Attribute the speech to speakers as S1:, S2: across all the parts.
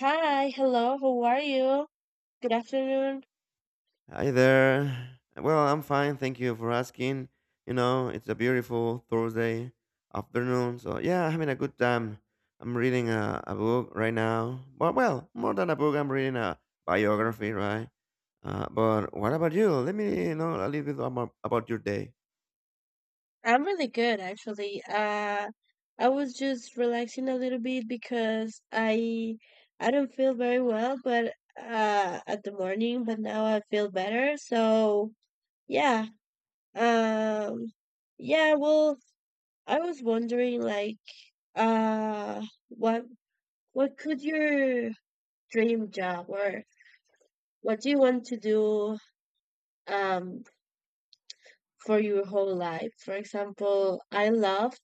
S1: Hi, hello, how are you? Good afternoon.
S2: Hi there. Well, I'm fine. Thank you for asking. You know, it's a beautiful Thursday afternoon. So, yeah, I'm having a good time. I'm reading a book right now. But, well, more than a book, I'm reading a biography, right? But what about you? Let me know a little bit about your day.
S1: I'm really good actually. I was just relaxing a little bit because I don't feel very well but at the morning, but now I feel better. So, yeah. Um yeah, well, I was wondering, like, uh what what could your dream job, or what do you want to do, um for your whole life. For example, I loved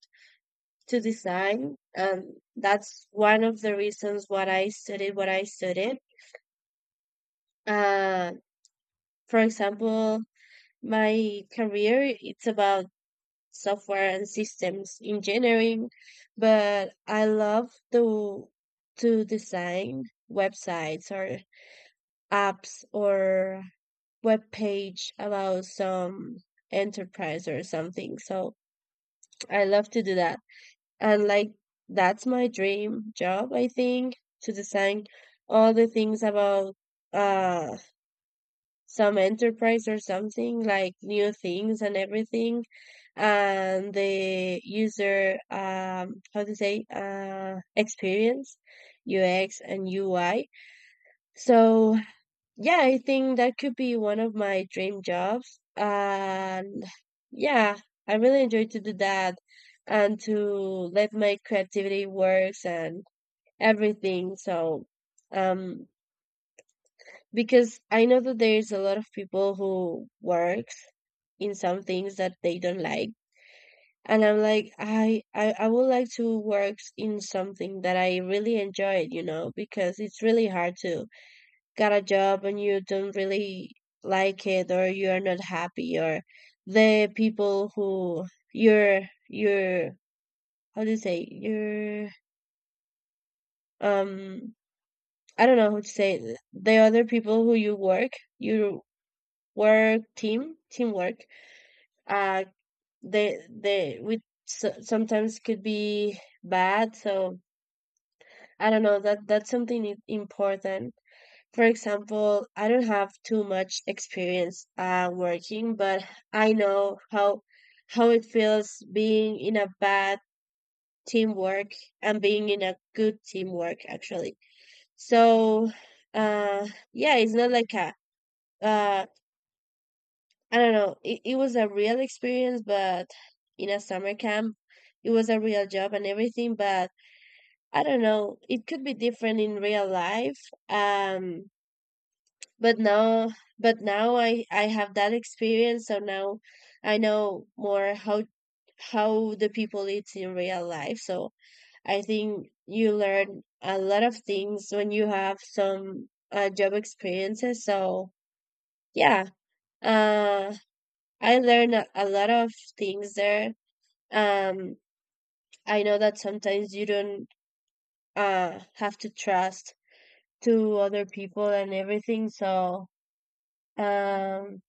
S1: to design, and that's one of the reasons what I studied. Uh, for example, my career it's about software and systems engineering, but I love to design websites or apps or web page about some enterprise or something. So I love to do that. And, like, that's my dream job, I think, to design all the things about, uh some enterprise or something, like new things and everything. And the user, how to say, experience, UX and UI. So yeah, I think that could be one of my dream jobs. And yeah, I really enjoy to do that, and to let my creativity works and everything. So, um, because I know that there's a lot of people who works in some things that they don't like. And I'm like, I would like to work in something that I really enjoyed, because it's really hard to got a job and you don't really like it, or you're not happy, or the people who you're you're how do you say, you're, um I don't know how to say it. The other people who you work, you teamwork, uh they with, so sometimes could be bad. So I don't know, that's something important. For example, I don't have too much experience, working, but I know how it feels being in a bad teamwork and being in a good teamwork, actually. So, uh, yeah, it's not like a, uh, I don't know. It was a real experience, but in a summer camp, it was a real job and everything. But I don't know, it could be different in real life. Um, but now but now I have that experience, so now I know more how the people eat in real life. So I think you learn a lot of things when you have some, job experiences. So yeah, uh I learned a lot of things there. um I know that sometimes you don't have to trust to other people and everything. So, um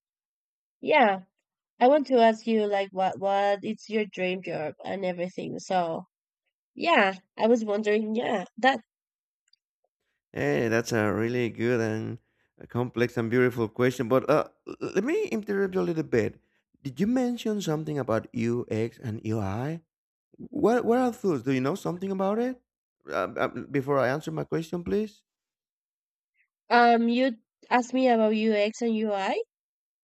S1: yeah, I want to ask you, like, what it's your dream job and everything. So yeah, I was wondering, yeah, that,
S2: Hey, that's a really good and a complex and beautiful question. But let me interrupt you a little bit. Did you mention something about UX and UI? What are foods? Do you know something about it? Before I answer my question, please.
S1: you asked me about UX and UI.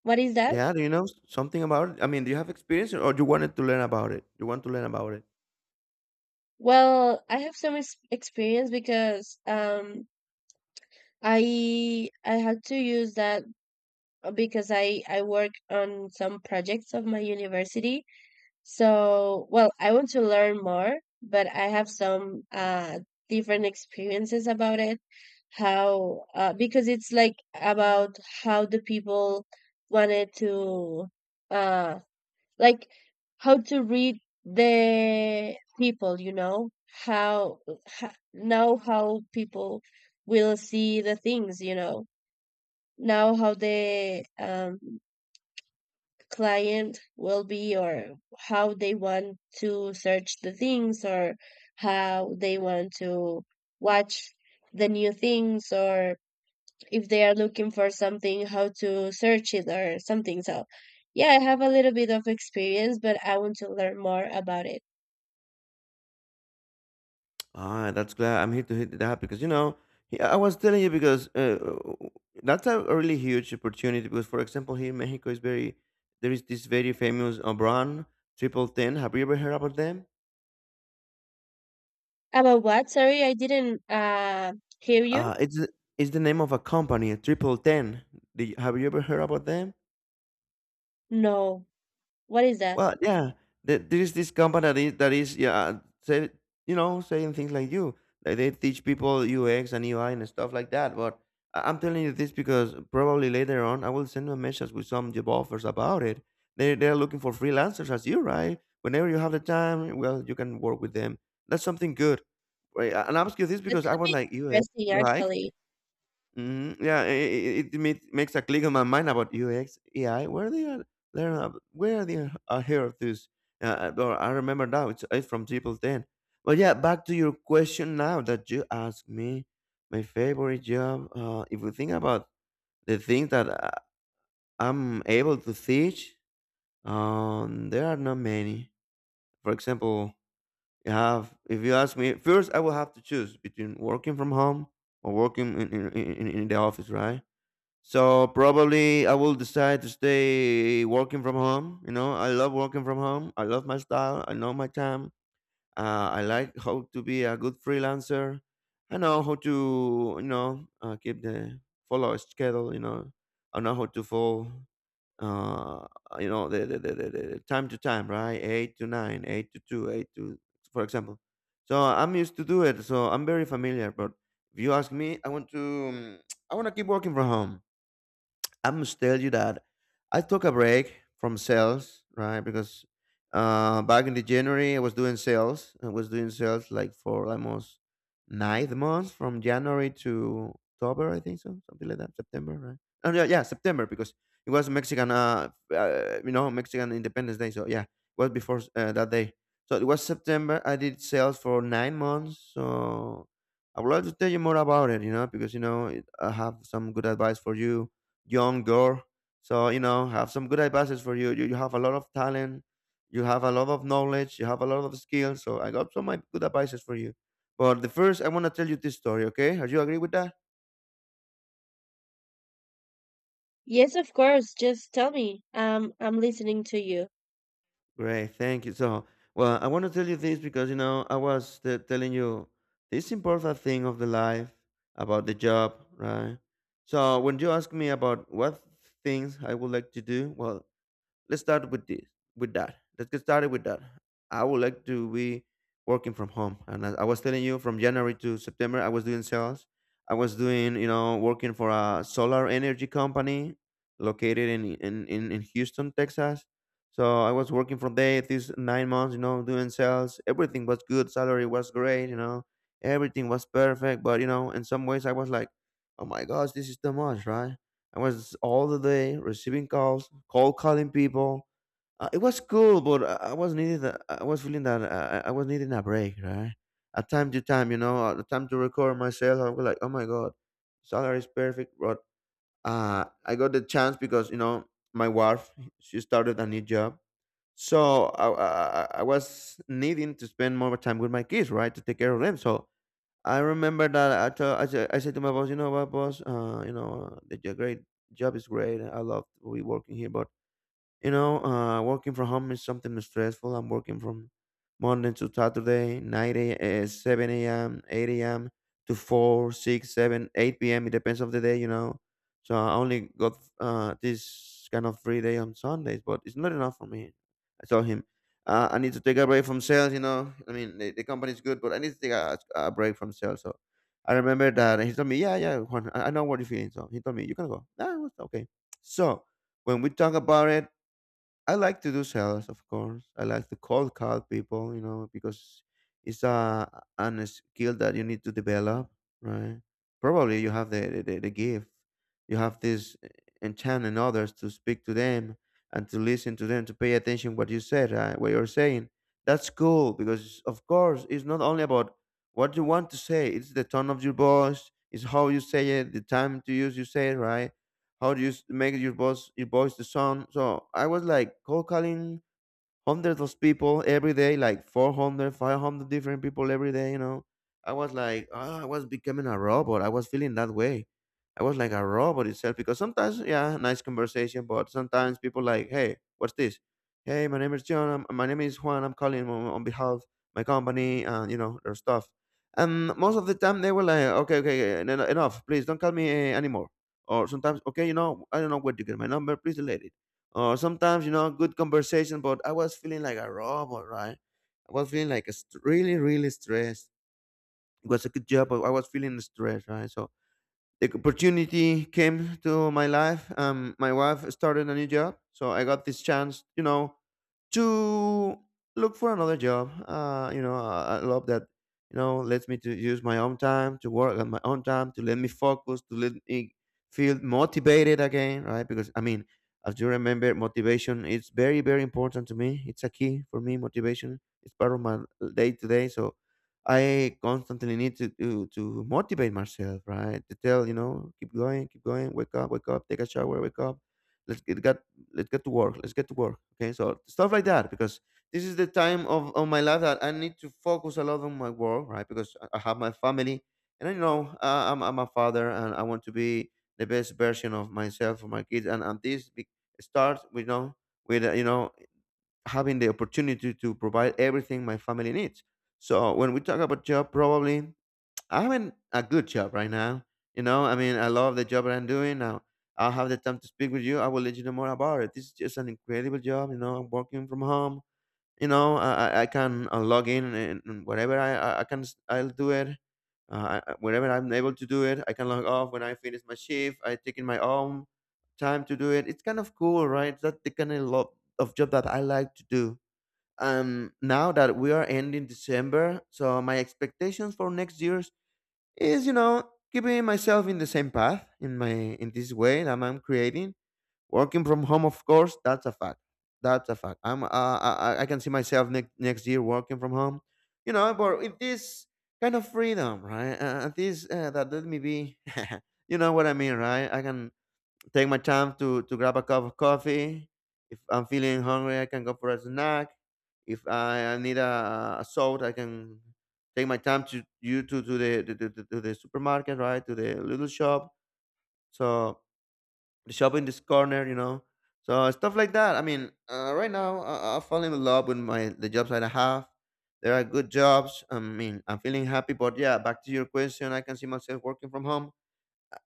S1: What is that?
S2: Yeah, do you know something about it? I mean, do you have experience or you wanted to learn about it? You want to learn about it?
S1: Well, I have some ex experience because, I had to use that, because I work on some projects of my university. So, well, I want to learn more, but I have some, different experiences about it. How, because it's like about how the people wanted to, uh like, how to read the people, you know, how, now how people will see the things, you know. Now how the, client will be, or how they want to search the things, or how they want to watch the new things, or if they are looking for something, how to search it or something. So yeah, I have a little bit of experience, but I want to learn more about it.
S2: Ah, that's glad I'm here to hit that because you know, yeah, I was telling you because that's a really huge opportunity because for example here in Mexico is very, there is this very famous brand Triple Ten. Have you ever heard about them?
S1: About what? Sorry, I didn't hear you.
S2: Uh, it's the- it's the name of a company, Triple Ten. Do you, have you ever heard about them?
S1: No, what is that?
S2: Well, yeah, there is this company that is, yeah, say, you know, saying things like you, like they teach people UX and UI and stuff like that. But I'm telling you this because probably later on I will send you a message with some job offers about it. They're looking for freelancers as you, right? Whenever you have the time, well, you can work with them. That's something good. Right? And I'm asking you this
S1: That
S2: because I
S1: could
S2: was
S1: be
S2: like, UX,
S1: interesting,
S2: UI.
S1: actually.
S2: Mhm. Yeah, I it makes a click on my mind about UX, AI. Where they are, where they are here of this. Or I remember now. It's from Triple Ten. But yeah, back to your question now that you asked me. My favorite job. If we think about the things that I'm able to teach, there are not many. For example, you have. If you ask me, first I will have to choose between working from home or working in the office, right? So probably I will decide to stay working from home. You know, I love working from home. I love my style. I know my time. I like how to be a good freelancer. I know how to, you know, keep the, follow a schedule. You know, I know how to follow. Uh, you know, the time to time, right? Eight to nine, eight to two, eight to, for example. So I'm used to do it. So I'm very familiar. But if you ask me, I want to, um, I want to keep working from home. I must tell you that I took a break from sales, right? Because back in the January, I was doing sales. I was doing sales like for almost 9 months, from January to October, I think so, something like that. September, right? Oh yeah, yeah, September because it was Mexican, you know, Mexican Independence Day. So yeah, it was before that day. So it was September. I did sales for 9 months. So I would like to tell you more about it, you know, because you know it, I have some good advice for you, young girl. So you know, have some good advices for you. You have a lot of talent, you have a lot of knowledge, you have a lot of skills. So I got some, like, good advices for you. But the first, I want to tell you this story. Okay, are you agree with that?
S1: Yes, of course, just tell me. I'm listening to you.
S2: Great, thank you. So, well, I want to tell you this because you know I was telling you this important thing of the life about the job, right? So when you ask me about what things I would like to do, well, let's start with this, with that, let's get started with that. I would like to be working from home, and as I was telling you, from January to September I was doing sales. I was doing, you know, working for a solar energy company located in Houston, Texas. So I was working from there these 9 months, you know, doing sales. Everything was good, salary was great, you know, everything was perfect. But you know, in some ways I was like, oh my gosh, this is too much, right? I was all the day receiving calls, cold calling people. It was cool, but I was needed. I was feeling that I was needing a break, right? At time to time, you know, at the time to record myself, I was like, oh my god, salary is perfect, but I got the chance because you know my wife, she started a new job, so I was needing to spend more time with my kids, right, to take care of them. So I remember that I told, I said to my boss, you know what, boss, you know, the, your great job is great. I love we working here, but you know, working from home is something stressful. I'm working from Monday to Saturday, 7 a.m., 8 a.m. to 4, 6, 7, 8 p.m. It depends of the day, you know. So I only got this kind of free day on Sundays, but it's not enough for me. I told him, I need to take a break from sales, you know. I mean, the company is good, but I need to take a break from sales. So I remember that he told me, yeah, yeah, Juan, I know what you're feeling. So he told me, you can go. Nah, it's okay. So when we talk about it, I like to do sales, of course. I like to cold call people, you know, because it's a an a skill that you need to develop, right? Probably you have the gift. You have this enchant in others to speak to them and to listen to them, to pay attention what you said, right? What you're saying. That's cool because of course it's not only about what you want to say, it's the tone of your voice, it's how you say it, the time to use you say it, right? How do you make your boss your voice to sound? So I was like cold calling hundreds of people every day, like 400, 500 different people every day, you know. I was like, oh, I was becoming a robot. I was feeling that way. I was like a robot itself because sometimes, yeah, nice conversation, but sometimes people like, hey, what's this? Hey, my name is John. My name is Juan. I'm calling on behalf of my company and, you know, their stuff. And most of the time they were like, okay, okay, enough. Please don't call me anymore. Or sometimes, okay, you know, I don't know where to get my number. Please delete it. Or sometimes, you know, good conversation, but I was feeling like a robot, right? I was feeling like a really, really stressed. It was a good job, but I was feeling stressed, right? So the opportunity came to my life. My wife started a new job, so I got this chance, you know, to look for another job. You know, I love that. You know, lets me to use my own time to work on my own time to let me focus, to let me feel motivated again, right? Because I mean, as you remember, motivation is very very important to me. It's a key for me. Motivation is part of my day to day. So I constantly need to, to motivate myself, right? To tell, you know, keep going, wake up, take a shower, wake up. Let's get got let's get to work. Let's get to work. Okay, so stuff like that because this is the time of my life that I need to focus a lot on my work, right? Because I have my family, and I know I'm a father, and I want to be the best version of myself for my kids, and this be, starts, you know, with you know, having the opportunity to provide everything my family needs. So when we talk about job, probably I have having a good job right now. You know, I mean, I love the job that I'm doing now. I'll have the time to speak with you. I will let you know more about it. This is just an incredible job. You know, I'm working from home. You know, I can log in and whatever I can, I'll do it. Whenever I'm able to do it, I can log off when I finish my shift. I take in my own time to do it. It's kind of cool, right? That's the kind of love of job that I like to do. Now that we are ending December, so my expectations for next year's is keeping myself in the same path in this way that I'm creating, working from home. Of course, that's a fact. That's a fact. I'm uh, I, I I can see myself next year working from home, but with this kind of freedom, right? This, that let me be. You know what I mean, right? I can take my time to grab a cup of coffee. If I'm feeling hungry, I can go for a snack. If I need a salt, I can take my time to you to the supermarket, right? To the little shop. So the shop in this corner. So stuff like that. I mean, right now I fall in love with my the jobs that I have. There are good jobs. I mean, I'm feeling happy. But yeah, back to your question, I can see myself working from home.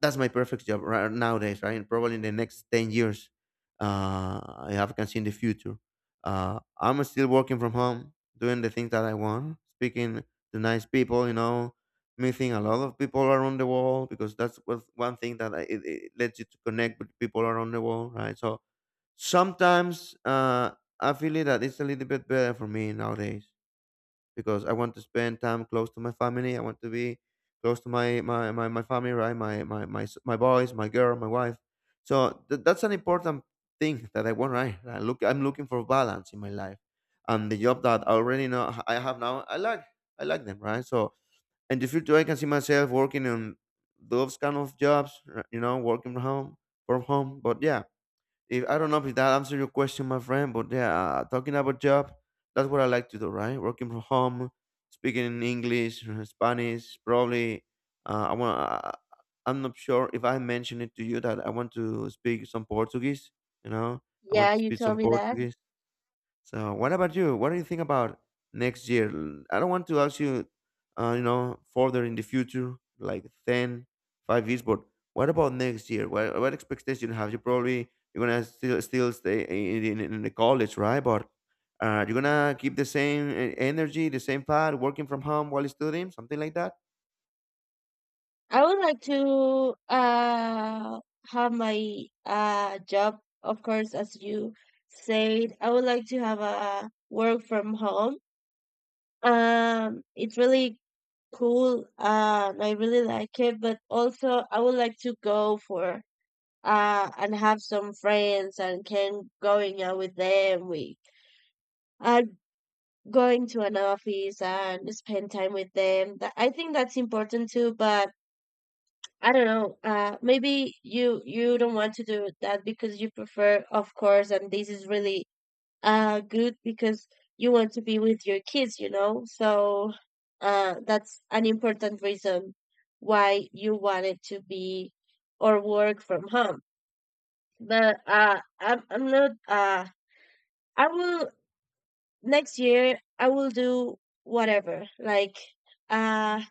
S2: That's my perfect job right nowadays, right? And probably in the next 10 years, I have can see in the future. I'm still working from home, doing the things that I want, speaking to nice people, meeting a lot of people around the world, because that's what one thing that it lets you to connect with people around the world, right? So sometimes I feel it that it's a little bit better for me nowadays, because I want to spend time close to my family. I want to be close to my family, right? My boys, my girl, my wife. So that's an important thing that I want, right? I'm looking for balance in my life, and the job that I already know I have now, I like them, right? So in the future, I can see myself working on those kind of jobs, working from home, from home. But yeah, if I don't know if that answered your question, my friend, but yeah, talking about job, that's what I like to do, right? Working from home, speaking in English, Spanish, probably. Uh, I want. I, I'm not sure if I mentioned it to you that I want to speak some Portuguese. You know, I want
S1: Yeah,
S2: to
S1: you
S2: speak
S1: told
S2: some
S1: me that.
S2: Portuguese. So, what about you? What do you think about next year? I don't want to ask you, further in the future, like 10, 5 years, but what about next year? What expectation have you? Probably you're gonna still stay in the college, right? But you're gonna keep the same energy, the same path, working from home while studying, something like that.
S1: I would like to have my, job, of course, as you said. I would like to have a work from home. It's really cool. And I really like it, but also I would like to go for, and have some friends and can going out with them. We are going to an office and spend time with them. That, I think that's important too, but I don't know. Maybe you don't want to do that because you prefer, of course, and this is really, good because you want to be with your kids, you know. So, that's an important reason why you wanted to be or work from home. But, I'm not. I will next year. I will do whatever. Like, uh,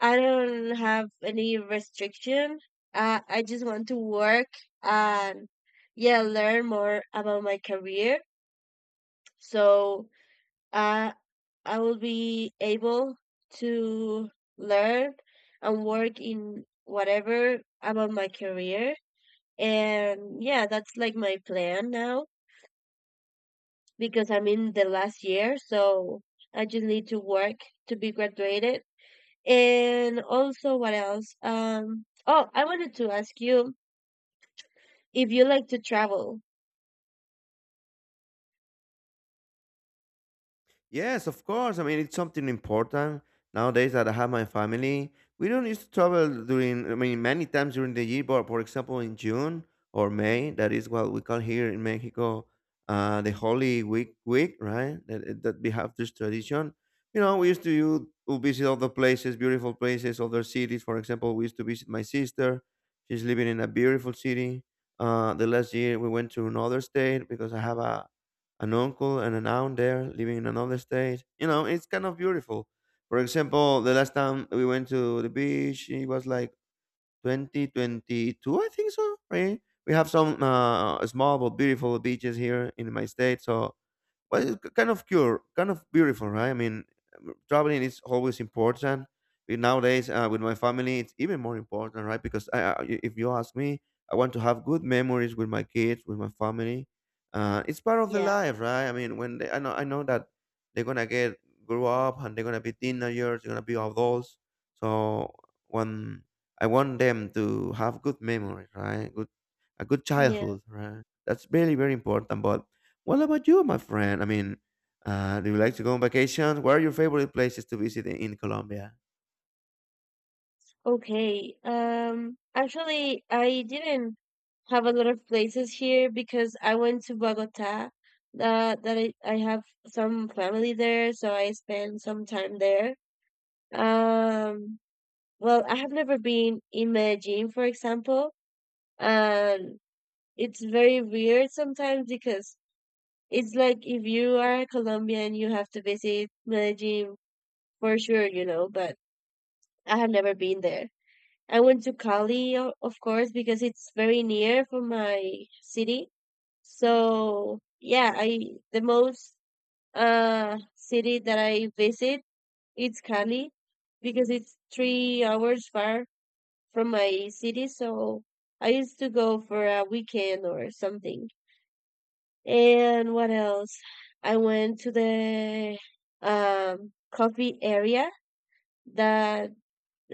S1: I don't have any restriction. I just want to work, and, yeah, learn more about my career. So, uh, I will be able to learn and work in whatever about my career. And yeah, that's like my plan now, because I'm in the last year. So I just need to work to be graduated. And also, what else? Oh, I wanted to ask you if you like to travel.
S2: Yes, of course. I mean, it's something important nowadays that I have my family. We don't used to travel during, I mean, many times during the year, but for example, in June or May, that is what we call here in Mexico, the Holy Week, right? That we have this tradition. You know, we used to to visit other places, beautiful places, other cities. For example, we used to visit my sister. She's living in a beautiful city. The last year we went to another state because I have a an uncle and an aunt there living in another state. You know, it's kind of beautiful. For example, the last time we went to the beach, it was like 2022, I think so, right? We have some small but beautiful beaches here in my state. So well, it's kind of beautiful, right? I mean, traveling is always important. But nowadays, with my family, it's even more important, right? Because if you ask me, I want to have good memories with my kids, with my family. It's part of the
S1: Yeah,
S2: life, right? I mean, I know that they're gonna get grow up, and they're gonna be teenagers, they're gonna be adults. So when I want them to have good memories, right? A good
S1: yeah.
S2: childhood, right? That's very, very important. But what about you, my friend? I mean, do you like to go on vacation? What are your favorite places to visit in Colombia?
S1: Okay. Actually, I didn't have a lot of places here because I went to Bogota. I have some family there, so I spent some time there. Um, well, I have never been in Medellin, for example, and it's very weird sometimes because it's like, if you are Colombian, you have to visit Medellin for sure, you know, but I have never been there. I went to Cali, of course, because it's very near from my city. So, yeah, I the most, city that I visit, it's Cali, because it's 3 hours far from my city. So I used to go for a weekend or something. And what else? I went to the, coffee area that,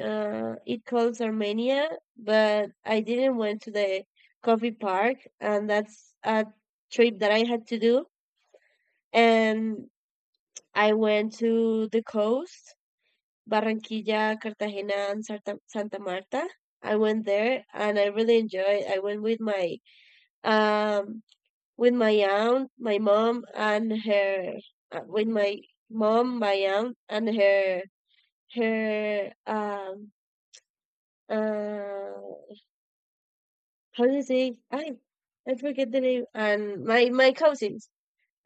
S1: it calls Armenia, but I didn't went to the coffee park, and that's a trip that I had to do. And I went to the coast, Barranquilla, Cartagena, and Santa Marta. I went there and I really enjoyed. I went um with my aunt, my mom, and her with my mom, my aunt, and her, her um uh how do you say, I forget the name, and my cousins.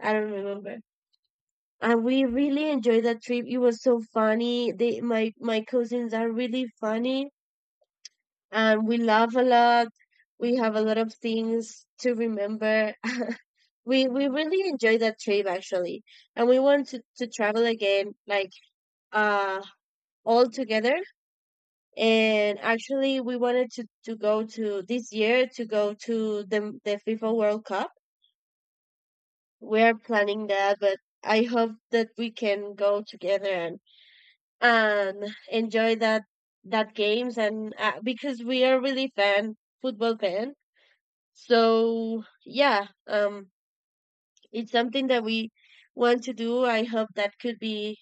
S1: I don't remember. And we really enjoyed that trip. It was so funny. They my my cousins are really funny, and we laugh a lot. We have a lot of things to remember. We really enjoyed that trip, actually, and we want to travel again, like, uh all together. And actually, we wanted to go to this year, to go to the FIFA World Cup. We are planning that, but I hope that we can go together and enjoy that games, and, because we are really fan football fan. So yeah, it's something that we want to do. I hope that could be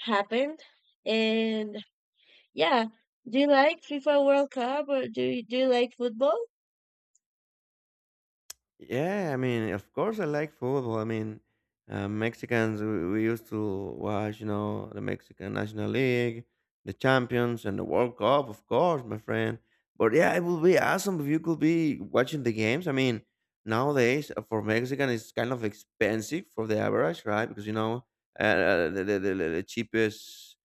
S1: happened. And yeah, do you like FIFA World Cup, or do you like football?
S2: Yeah, I mean, of course I like football. I mean, Mexicans, we used to watch, you know, the Mexican National League, the Champions, and the World Cup, of course, my friend. But yeah, it would be awesome if you could be watching the games. I mean, nowadays for Mexican, it's kind of expensive for the average, right? Because, you know, the cheapest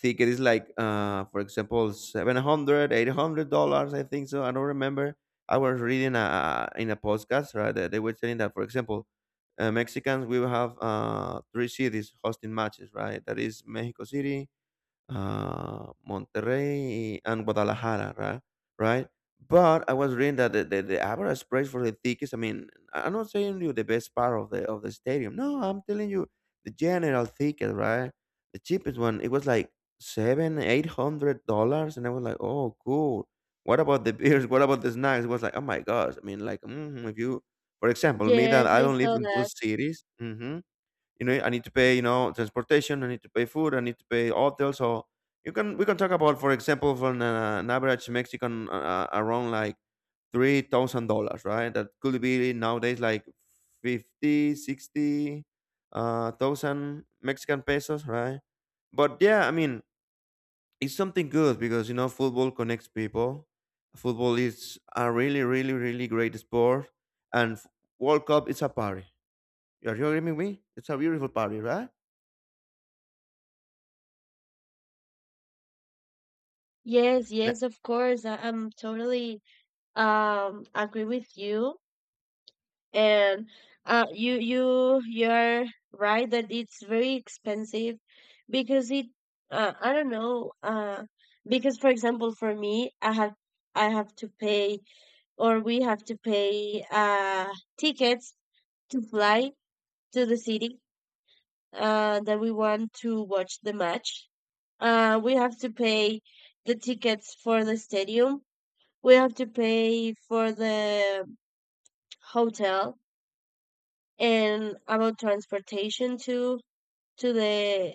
S2: ticket is like, for example, $700, $800, I think so. I don't remember. I was reading in a podcast, right? That they were saying that, for example, Mexicans will have three cities hosting matches, right? That is Mexico City, Monterrey and Guadalajara, right? Right? But I was reading that the average price for the tickets. I mean, I'm not saying you the best part of the stadium. No, I'm telling you the general ticket, right? The cheapest one. It was like seven, $800, and I was like, oh, cool. What about the beers? What about the snacks? It was like, oh my gosh. I mean, like, if you, for example, me that
S1: Yes,
S2: I
S1: I
S2: don't live
S1: saw
S2: in
S1: that.
S2: those cities. Mhm. You know, I need to pay, transportation. I need to pay food. I need to pay hotel. So you can we can talk about, for example, for an average Mexican around like $3,000, right? That could be nowadays like 50, 60 thousand Mexican pesos, right? But yeah, I mean, it's something good because, football connects people. Football is a really, really, really great sport, and World Cup is a party. Are you agreeing with me? It's a beautiful party, right?
S1: Yes,
S2: And
S1: yes, of course. I'm totally, agree with you. And, you're right that it's very expensive because it I don't know, because, for example, for me, I have to pay, or we have to pay, tickets to fly to the city, that we want to watch the match. We have to pay the tickets for the stadium. We have to pay for the hotel and about transportation to the,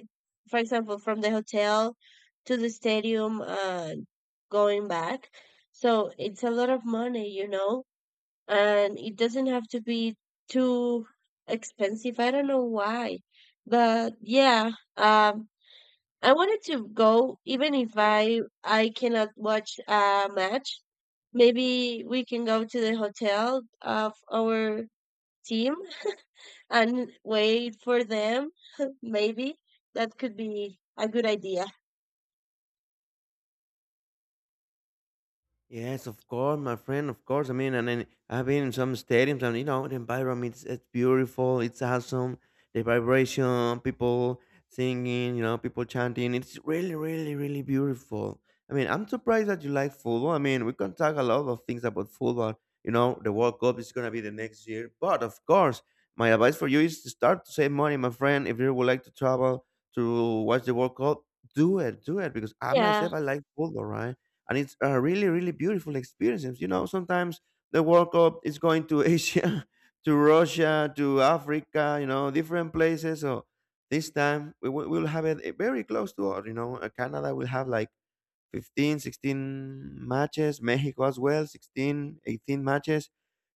S1: for example, from the hotel to the stadium, going back. So it's a lot of money, and it doesn't have to be too expensive. I don't know why, but yeah, um, I wanted to go even if I cannot watch a match. Maybe we can go to the hotel of our team and wait for them. Maybe that could be a good idea.
S2: Yes, of course, my friend. Of course, I mean, and then I've been in some stadiums, and you know, the environment is it's beautiful. It's awesome. The vibration, people singing, you know, people chanting. It's really, really, really beautiful. I mean, I'm surprised that you like football. I mean, we can talk a lot of things about football. You know, the World Cup is gonna be the next year, but of course, my advice for you is to start to save money, my friend. If you would like to travel to watch the World Cup, do it, because I
S1: Yeah.
S2: myself I like football, right? And it's a really, really beautiful experience. You know, sometimes the World Cup is going to Asia, to Russia, to Africa, different places. So this time we'll have it, very close to us, you know. Canada will have like 15 16 matches. Mexico as well, 16 18 matches.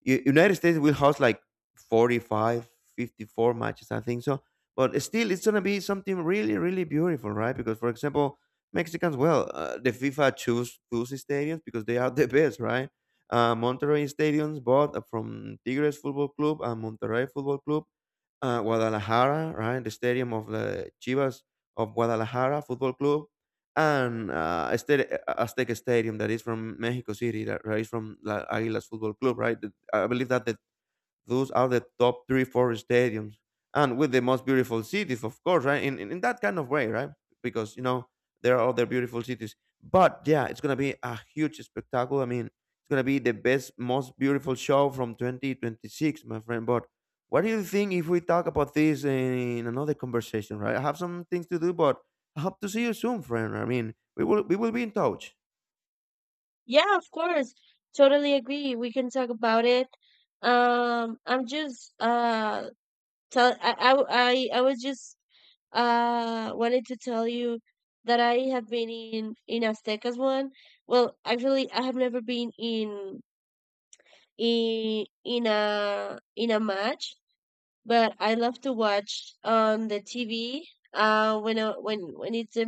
S2: United States will host like 45, 54 matches, I think so. But still, it's going to be something really, really beautiful, right? Because, for example, Mexicans, well, the FIFA choose stadiums because they are the best, right? Monterrey stadiums bought from Tigres Football Club and Monterrey Football Club. Guadalajara, right? The stadium of the Chivas of Guadalajara Football Club, and a Aztec Stadium that is from Mexico City, that right from La Águilas Football Club, right? I believe that the those are the top three, four stadiums, and with the most beautiful cities, of course, right? In that kind of way, right? Because you know there are other beautiful cities, but yeah, it's gonna be a huge spectacle. I mean, it's gonna be the best, most beautiful show from 2026, my friend. But what do you think if we talk about this in another conversation, right? I have some things to do, but I hope to see you soon, friend. I mean, we will be in touch.
S1: Yeah, of course. Totally agree. We can talk about it. I'm just Tell I w- I was just, wanted to tell you that I have been in, Aztecas one. Well, actually, I have never been in a match, but I love to watch on the TV. When it's a,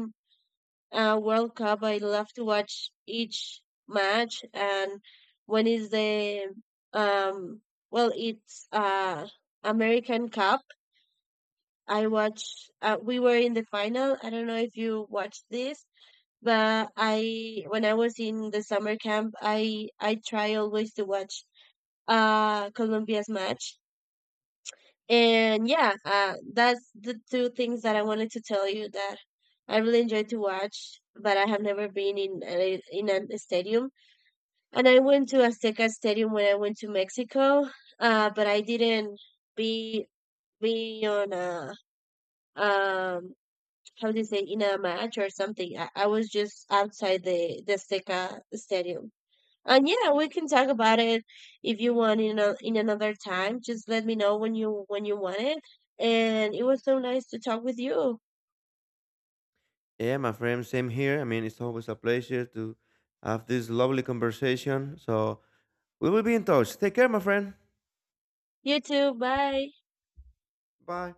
S1: World Cup, I love to watch each match, and when is the, um well, it's, American Cup. I watched. We were in the final. I don't know if you watched this, but, I when I was in the summer camp, I try always to watch, Colombia's match. And yeah, that's the two things that I wanted to tell you that I really enjoy to watch, but I have never been in a stadium. And I went to Azteca Stadium when I went to Mexico, but I didn't be be on a, um how do you say, in a match or something. I was just outside the Seca Stadium. And yeah, we can talk about it if you want in another time. Just let me know when you want it. And it was so nice to talk with you.
S2: Yeah, my friend, same here. I mean, it's always a pleasure to have this lovely conversation. So we will be in touch. Take care, my friend.
S1: You too. Bye.
S2: Bye.